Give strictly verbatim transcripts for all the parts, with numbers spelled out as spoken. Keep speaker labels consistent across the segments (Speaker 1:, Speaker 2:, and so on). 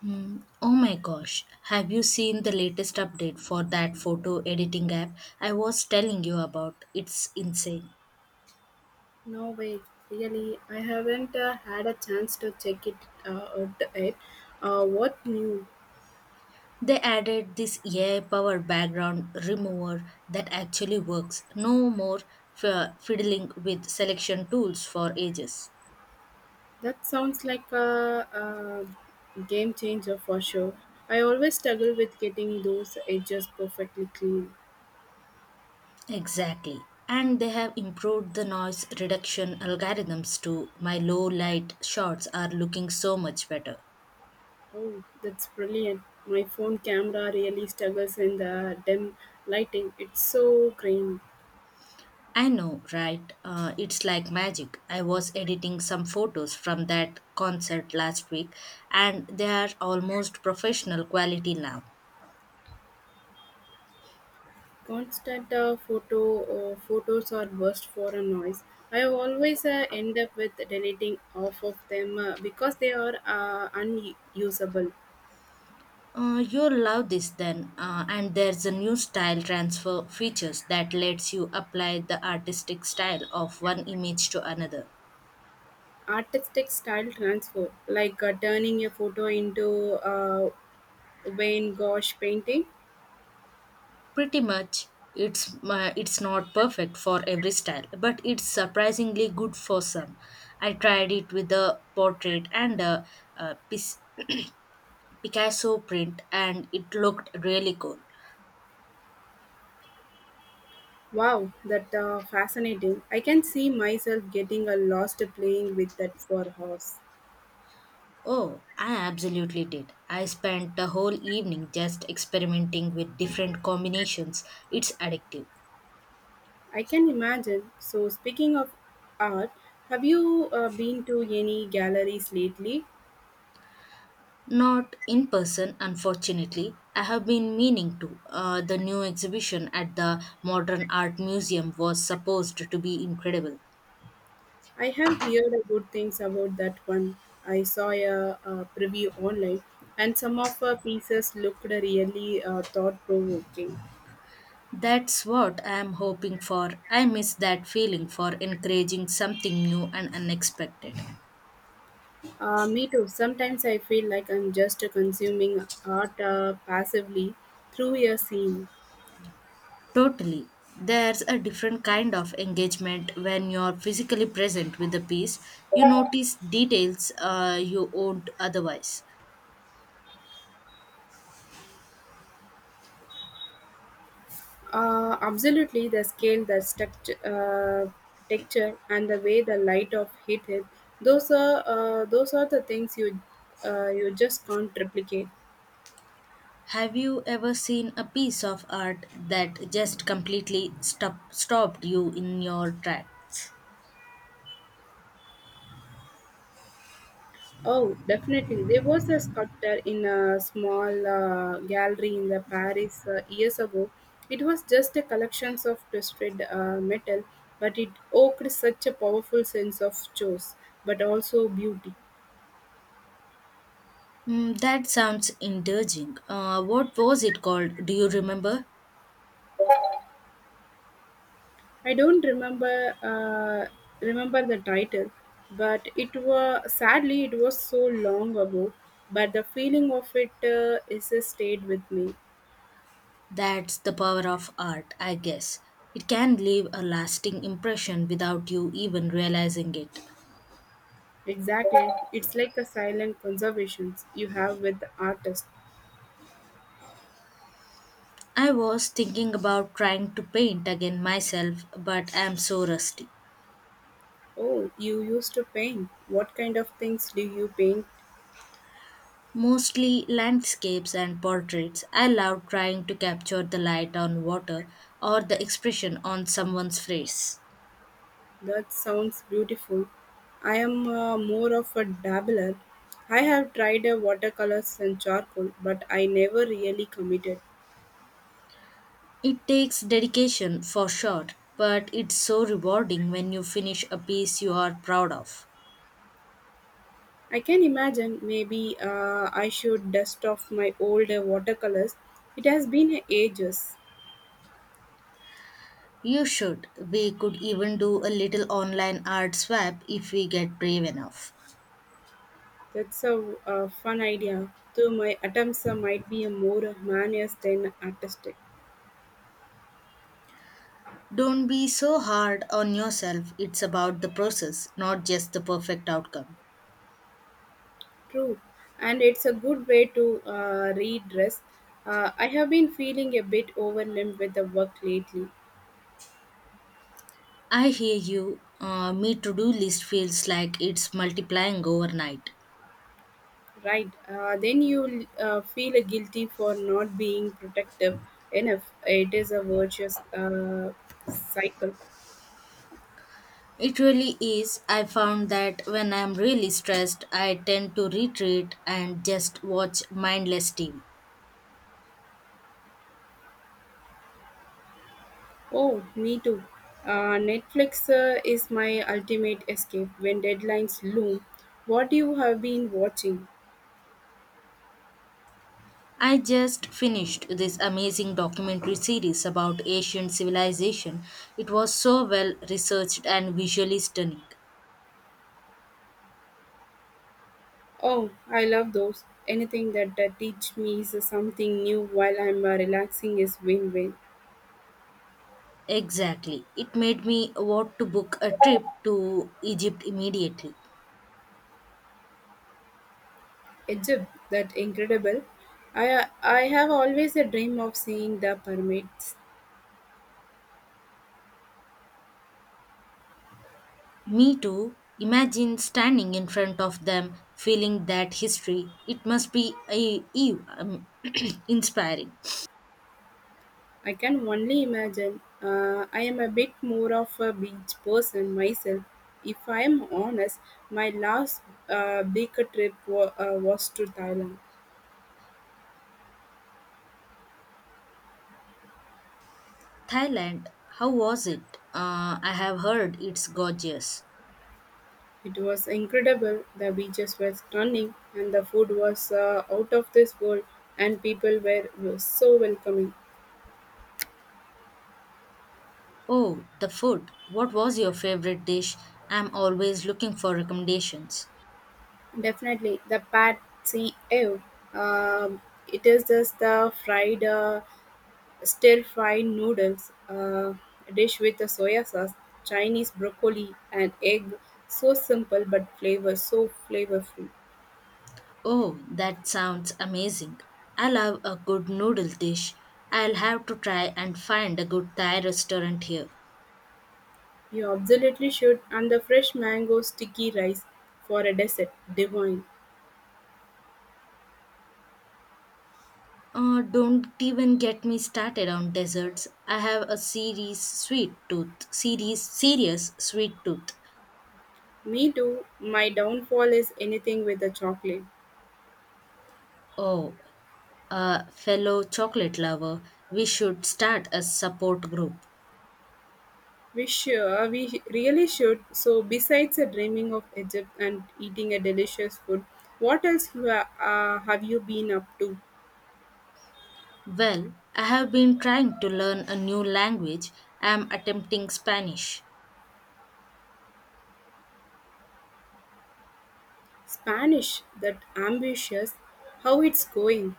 Speaker 1: Hmm. Oh my gosh, have you seen the latest update for that photo editing app I was telling you about? It's insane.
Speaker 2: No way, really, I haven't uh, had a chance to check it uh, out yet. Uh, what new?
Speaker 1: They added this A I powered background remover that actually works. No more fi- fiddling with selection tools for ages.
Speaker 2: That sounds like a, a game changer for sure. I always struggle with getting those edges perfectly clean.
Speaker 1: Exactly. And they have improved the noise reduction algorithms too. My low light shots are looking so much better.
Speaker 2: Oh, that's brilliant. My phone camera really struggles in the dim lighting. It's so grainy.
Speaker 1: I know, right? Uh, it's like magic. I was editing some photos from that concert last week, and they are almost professional quality now.
Speaker 2: Constant uh, photo uh, photos are worst for a noise. I always uh, end up with deleting off of them uh, because they are uh, unusable.
Speaker 1: Uh, you'll love this then. Uh, and there's a new style transfer features that lets you apply the artistic style of one image to another.
Speaker 2: Artistic style transfer, like uh, turning a photo into a Wayne Gosh painting.
Speaker 1: Pretty much, it's uh, it's not perfect for every style, but it's surprisingly good for some. I tried it with a portrait and a, uh pis- Picasso print and it looked really cool.
Speaker 2: Wow, that uh, fascinating. I can see myself getting a lost playing with that for horse.
Speaker 1: Oh, I absolutely did. I spent the whole evening just experimenting with different combinations. It's addictive.
Speaker 2: I can imagine. So speaking of art, have you uh, been to any galleries lately?
Speaker 1: Not in person, unfortunately. I have been meaning to. Uh, the new exhibition at the Modern Art Museum was supposed to be incredible.
Speaker 2: I have heard a good things about that one. I saw a, uh preview online, and some of her pieces looked really uh, thought provoking.
Speaker 1: That's what I am hoping for. I miss that feeling for encouraging something new and unexpected.
Speaker 2: Uh, me too. Sometimes I feel like I'm just consuming art uh, passively through a scene.
Speaker 1: Totally. There's a different kind of engagement when you're physically present with the piece. You notice details uh, you won't otherwise.
Speaker 2: Uh, absolutely, the scale, the structure, uh, texture, and the way the light of hit it. Those are uh, those are the things you uh, you just can't replicate.
Speaker 1: Have you ever seen a piece of art that just completely stop- stopped you in your tracks?
Speaker 2: Oh, definitely. There was a sculptor in a small uh, gallery in the Paris uh, years ago. It was just a collection of twisted uh, metal, but it evoked such a powerful sense of choice, but also beauty.
Speaker 1: Mm, that sounds indulging. Uh, what was it called? Do you remember?
Speaker 2: I don't remember uh, remember the title, but it was sadly it was so long ago. But the feeling of it uh, is uh, stayed with me.
Speaker 1: That's the power of art, I guess. It can leave a lasting impression without you even realizing it.
Speaker 2: Exactly, it's like a silent conservation you have with the artist.
Speaker 1: I was thinking about trying to paint again myself, but I am so rusty.
Speaker 2: Oh, you used to paint. What kind of things do you paint?
Speaker 1: Mostly landscapes and portraits. I love trying to capture the light on water or the expression on someone's face.
Speaker 2: That sounds beautiful. I am uh, more of a dabbler. I have tried uh, watercolors and charcoal, but I never really committed.
Speaker 1: It takes dedication for sure, but it's so rewarding when you finish a piece you are proud of.
Speaker 2: I can imagine maybe uh, I should dust off my old uh, watercolors. It has been ages.
Speaker 1: You should. We could even do a little online art swap if we get brave enough.
Speaker 2: That's a, uh fun idea, though my attempts uh, might be uh, more uh, than artistic.
Speaker 1: Don't be so hard on yourself. It's about the process, not just the perfect outcome.
Speaker 2: True, and it's a good way to uh, redress. Uh, I have been feeling a bit overwhelmed with the work lately,
Speaker 1: I hear you. Uh, me to do list feels like it's multiplying overnight.
Speaker 2: right? Uh, then you uh, feel guilty for not being protective enough. It is a virtuous uh, cycle.
Speaker 1: It really is. I found that when I'm really stressed, I tend to retreat and just watch mindless T V.
Speaker 2: Oh, me too. Uh, Netflix uh, is my ultimate escape when deadlines loom. What you have been watching?
Speaker 1: I just finished this amazing documentary series about ancient civilization. It was so well researched and visually stunning.
Speaker 2: Oh, I love those. Anything that, that teach me is something new while I'm uh, relaxing is win-win.
Speaker 1: Exactly. It made me want to book a trip to Egypt immediately.
Speaker 2: Egypt, that incredible. I uh, I have always a dream of seeing the pyramids.
Speaker 1: Me too. Imagine standing in front of them, feeling that history. It must be a, e- um, inspiring.
Speaker 2: I can only imagine. Uh, I am a bit more of a beach person myself. If I am honest, my last uh, big trip wa- uh, was to Thailand.
Speaker 1: Thailand, how was it? Uh, I have heard it's gorgeous.
Speaker 2: It was incredible, the beaches were stunning, and the food was uh, out of this world, and people were were so welcoming.
Speaker 1: Oh, the food. What was your favorite dish? I'm always looking for recommendations.
Speaker 2: Definitely, the Pad See Ew. Um, it is just the fried, uh, stir fried noodles, uh, dish with the soya sauce, Chinese broccoli, and egg. So simple, but flavor so flavorful.
Speaker 1: Oh, that sounds amazing. I love a good noodle dish. I'll have to try and find a good Thai restaurant here.
Speaker 2: You absolutely should. And the fresh mango sticky rice for a dessert, divine.
Speaker 1: Uh, don't even get me started on desserts. I have a serious sweet tooth. Serious, serious sweet tooth.
Speaker 2: Me too. My downfall is anything with the chocolate.
Speaker 1: Oh, a fellow chocolate lover, we should start a support group.
Speaker 2: We sure we really should. So besides uh, dreaming of Egypt and eating a delicious food, what else you ha- uh, have you been up to?
Speaker 1: Well, I have been trying to learn a new language. I am attempting Spanish.
Speaker 2: Spanish, that ambitious. How it's going?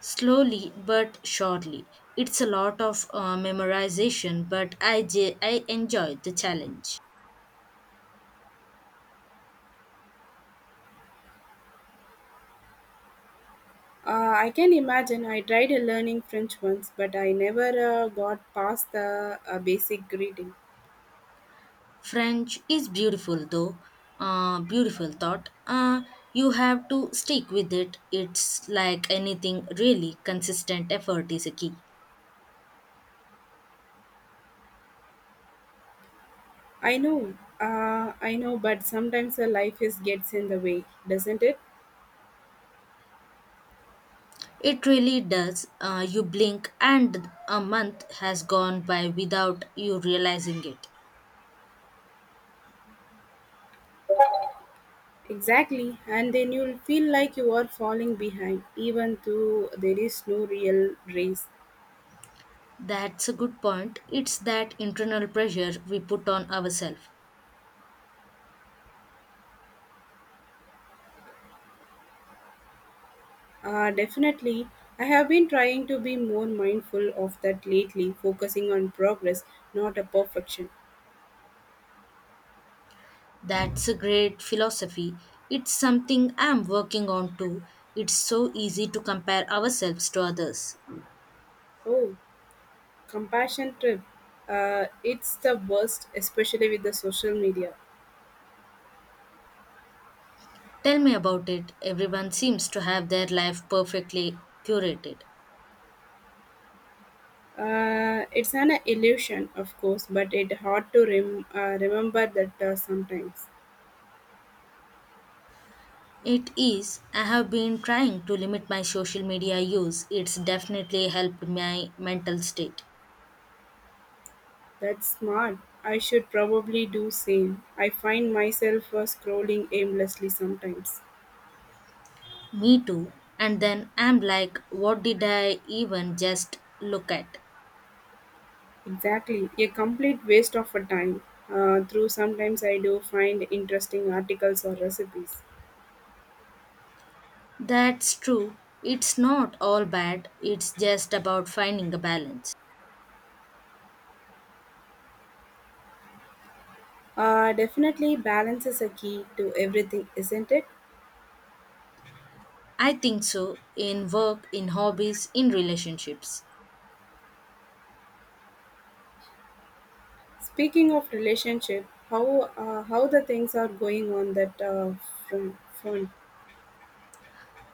Speaker 1: Slowly but surely. It's a lot of uh, memorization, but I, j- I enjoyed the challenge.
Speaker 2: Uh, I can imagine. I tried uh, learning French once, but I never uh, got past the uh, basic greeting.
Speaker 1: French is beautiful though. Uh, beautiful thought. Uh, you have to stick with it. It's like anything, really, consistent effort is a key.
Speaker 2: I know, uh, I know, but sometimes uh, life is gets in the way, doesn't it?
Speaker 1: It really does. Uh, you blink and a month has gone by without you realizing it.
Speaker 2: Exactly, and then you'll feel like you are falling behind, even though there is no real race.
Speaker 1: That's a good point. It's that internal pressure we put on ourselves.
Speaker 2: Uh, definitely, I have been trying to be more mindful of that lately, focusing on progress, not a perfection.
Speaker 1: That's a great philosophy. It's something I'm working on too. It's so easy to compare ourselves to others.
Speaker 2: Oh, compassion trip. Uh, it's the worst, especially with the social media.
Speaker 1: Tell me about it. Everyone seems to have their life perfectly curated.
Speaker 2: Uh, it's an illusion, of course, but it's hard to rem- uh, remember that uh, sometimes.
Speaker 1: It is. I have been trying to limit my social media use. It's definitely helped my mental state.
Speaker 2: That's smart. I should probably do same. I find myself uh, scrolling aimlessly sometimes.
Speaker 1: Me too. And then I'm like, what did I even just look at?
Speaker 2: Exactly, a complete waste of a time. Uh, through sometimes I do find interesting articles or recipes.
Speaker 1: That's true. It's not all bad. It's just about finding a balance.
Speaker 2: Uh, definitely, balance is a key to everything, isn't it?
Speaker 1: I think so, in work, in hobbies, in relationships.
Speaker 2: Speaking of relationship, how uh, how the things are going on that uh, front?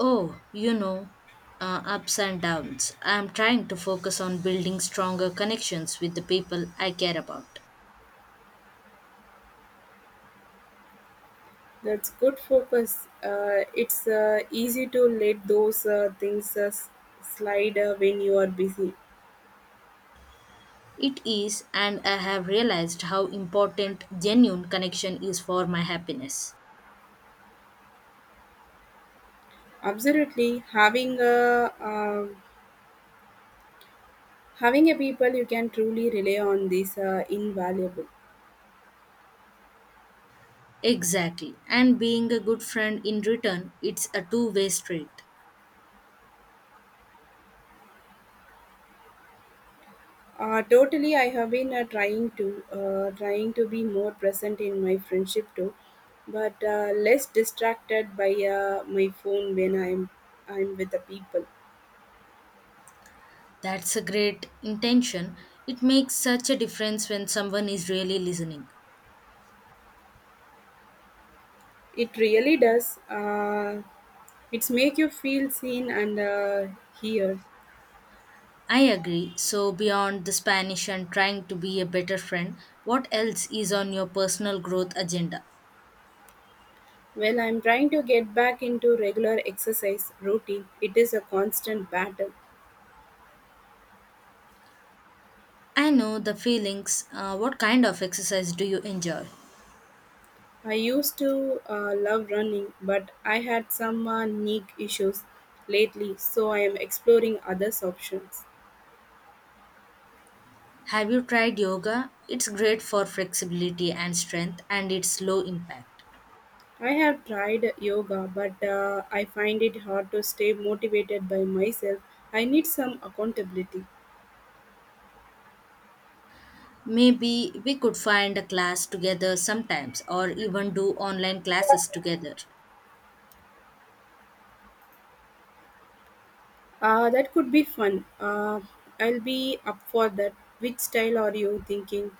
Speaker 1: Oh, you know, uh, ups and downs. I'm trying to focus on building stronger connections with the people I care about.
Speaker 2: That's good focus. Uh, it's uh, easy to let those uh, things uh, s- slide uh, when you are busy.
Speaker 1: It is, and I have realized how important genuine connection is for my happiness.
Speaker 2: Absolutely, having a um having a people you can truly rely on this uh, invaluable.
Speaker 1: Exactly, and being a good friend in return, it's a two way street.
Speaker 2: Uh, totally, I have been uh, trying to uh, trying to be more present in my friendship too, but uh, less distracted by uh, my phone when I'm I'm with the people.
Speaker 1: That's a great intention. It makes such a difference when someone is really listening.
Speaker 2: It really does. Uh, it's make you feel seen and uh, heard.
Speaker 1: I agree. So, beyond the Spanish and trying to be a better friend, what else is on your personal growth agenda?
Speaker 2: Well, I'm trying to get back into regular exercise routine. It is a constant battle.
Speaker 1: I know the feelings. Uh, what kind of exercise do you enjoy?
Speaker 2: I used to uh, love running, but I had some uh, knee issues lately, so I am exploring other options.
Speaker 1: Have you tried yoga? It's great for flexibility and strength, and it's low impact.
Speaker 2: I have tried yoga, but uh, I find it hard to stay motivated by myself. I need some accountability.
Speaker 1: Maybe we could find a class together sometimes, or even do online classes together.
Speaker 2: Uh, that could be fun. Uh, I'll be up for that. Which style are you thinking?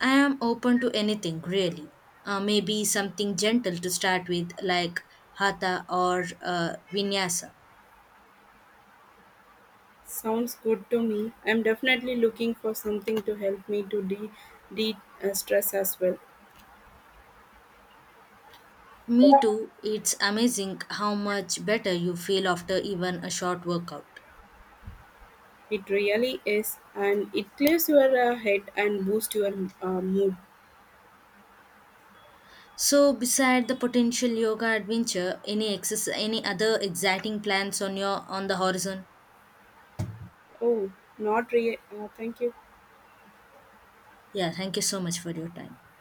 Speaker 1: I am open to anything really. Uh, maybe something gentle to start with, like hatha or uh, vinyasa.
Speaker 2: Sounds good to me. I'm definitely looking for something to help me to de, de- uh, stress as well.
Speaker 1: Me too, it's amazing how much better you feel after even a short workout.
Speaker 2: It really is, and it clears your uh, head and boosts your uh, mood.
Speaker 1: So, beside the potential yoga adventure, any exercise, any other exciting plans on your on the horizon?
Speaker 2: Oh, not really. Uh, thank you.
Speaker 1: Yeah, thank you so much for your time.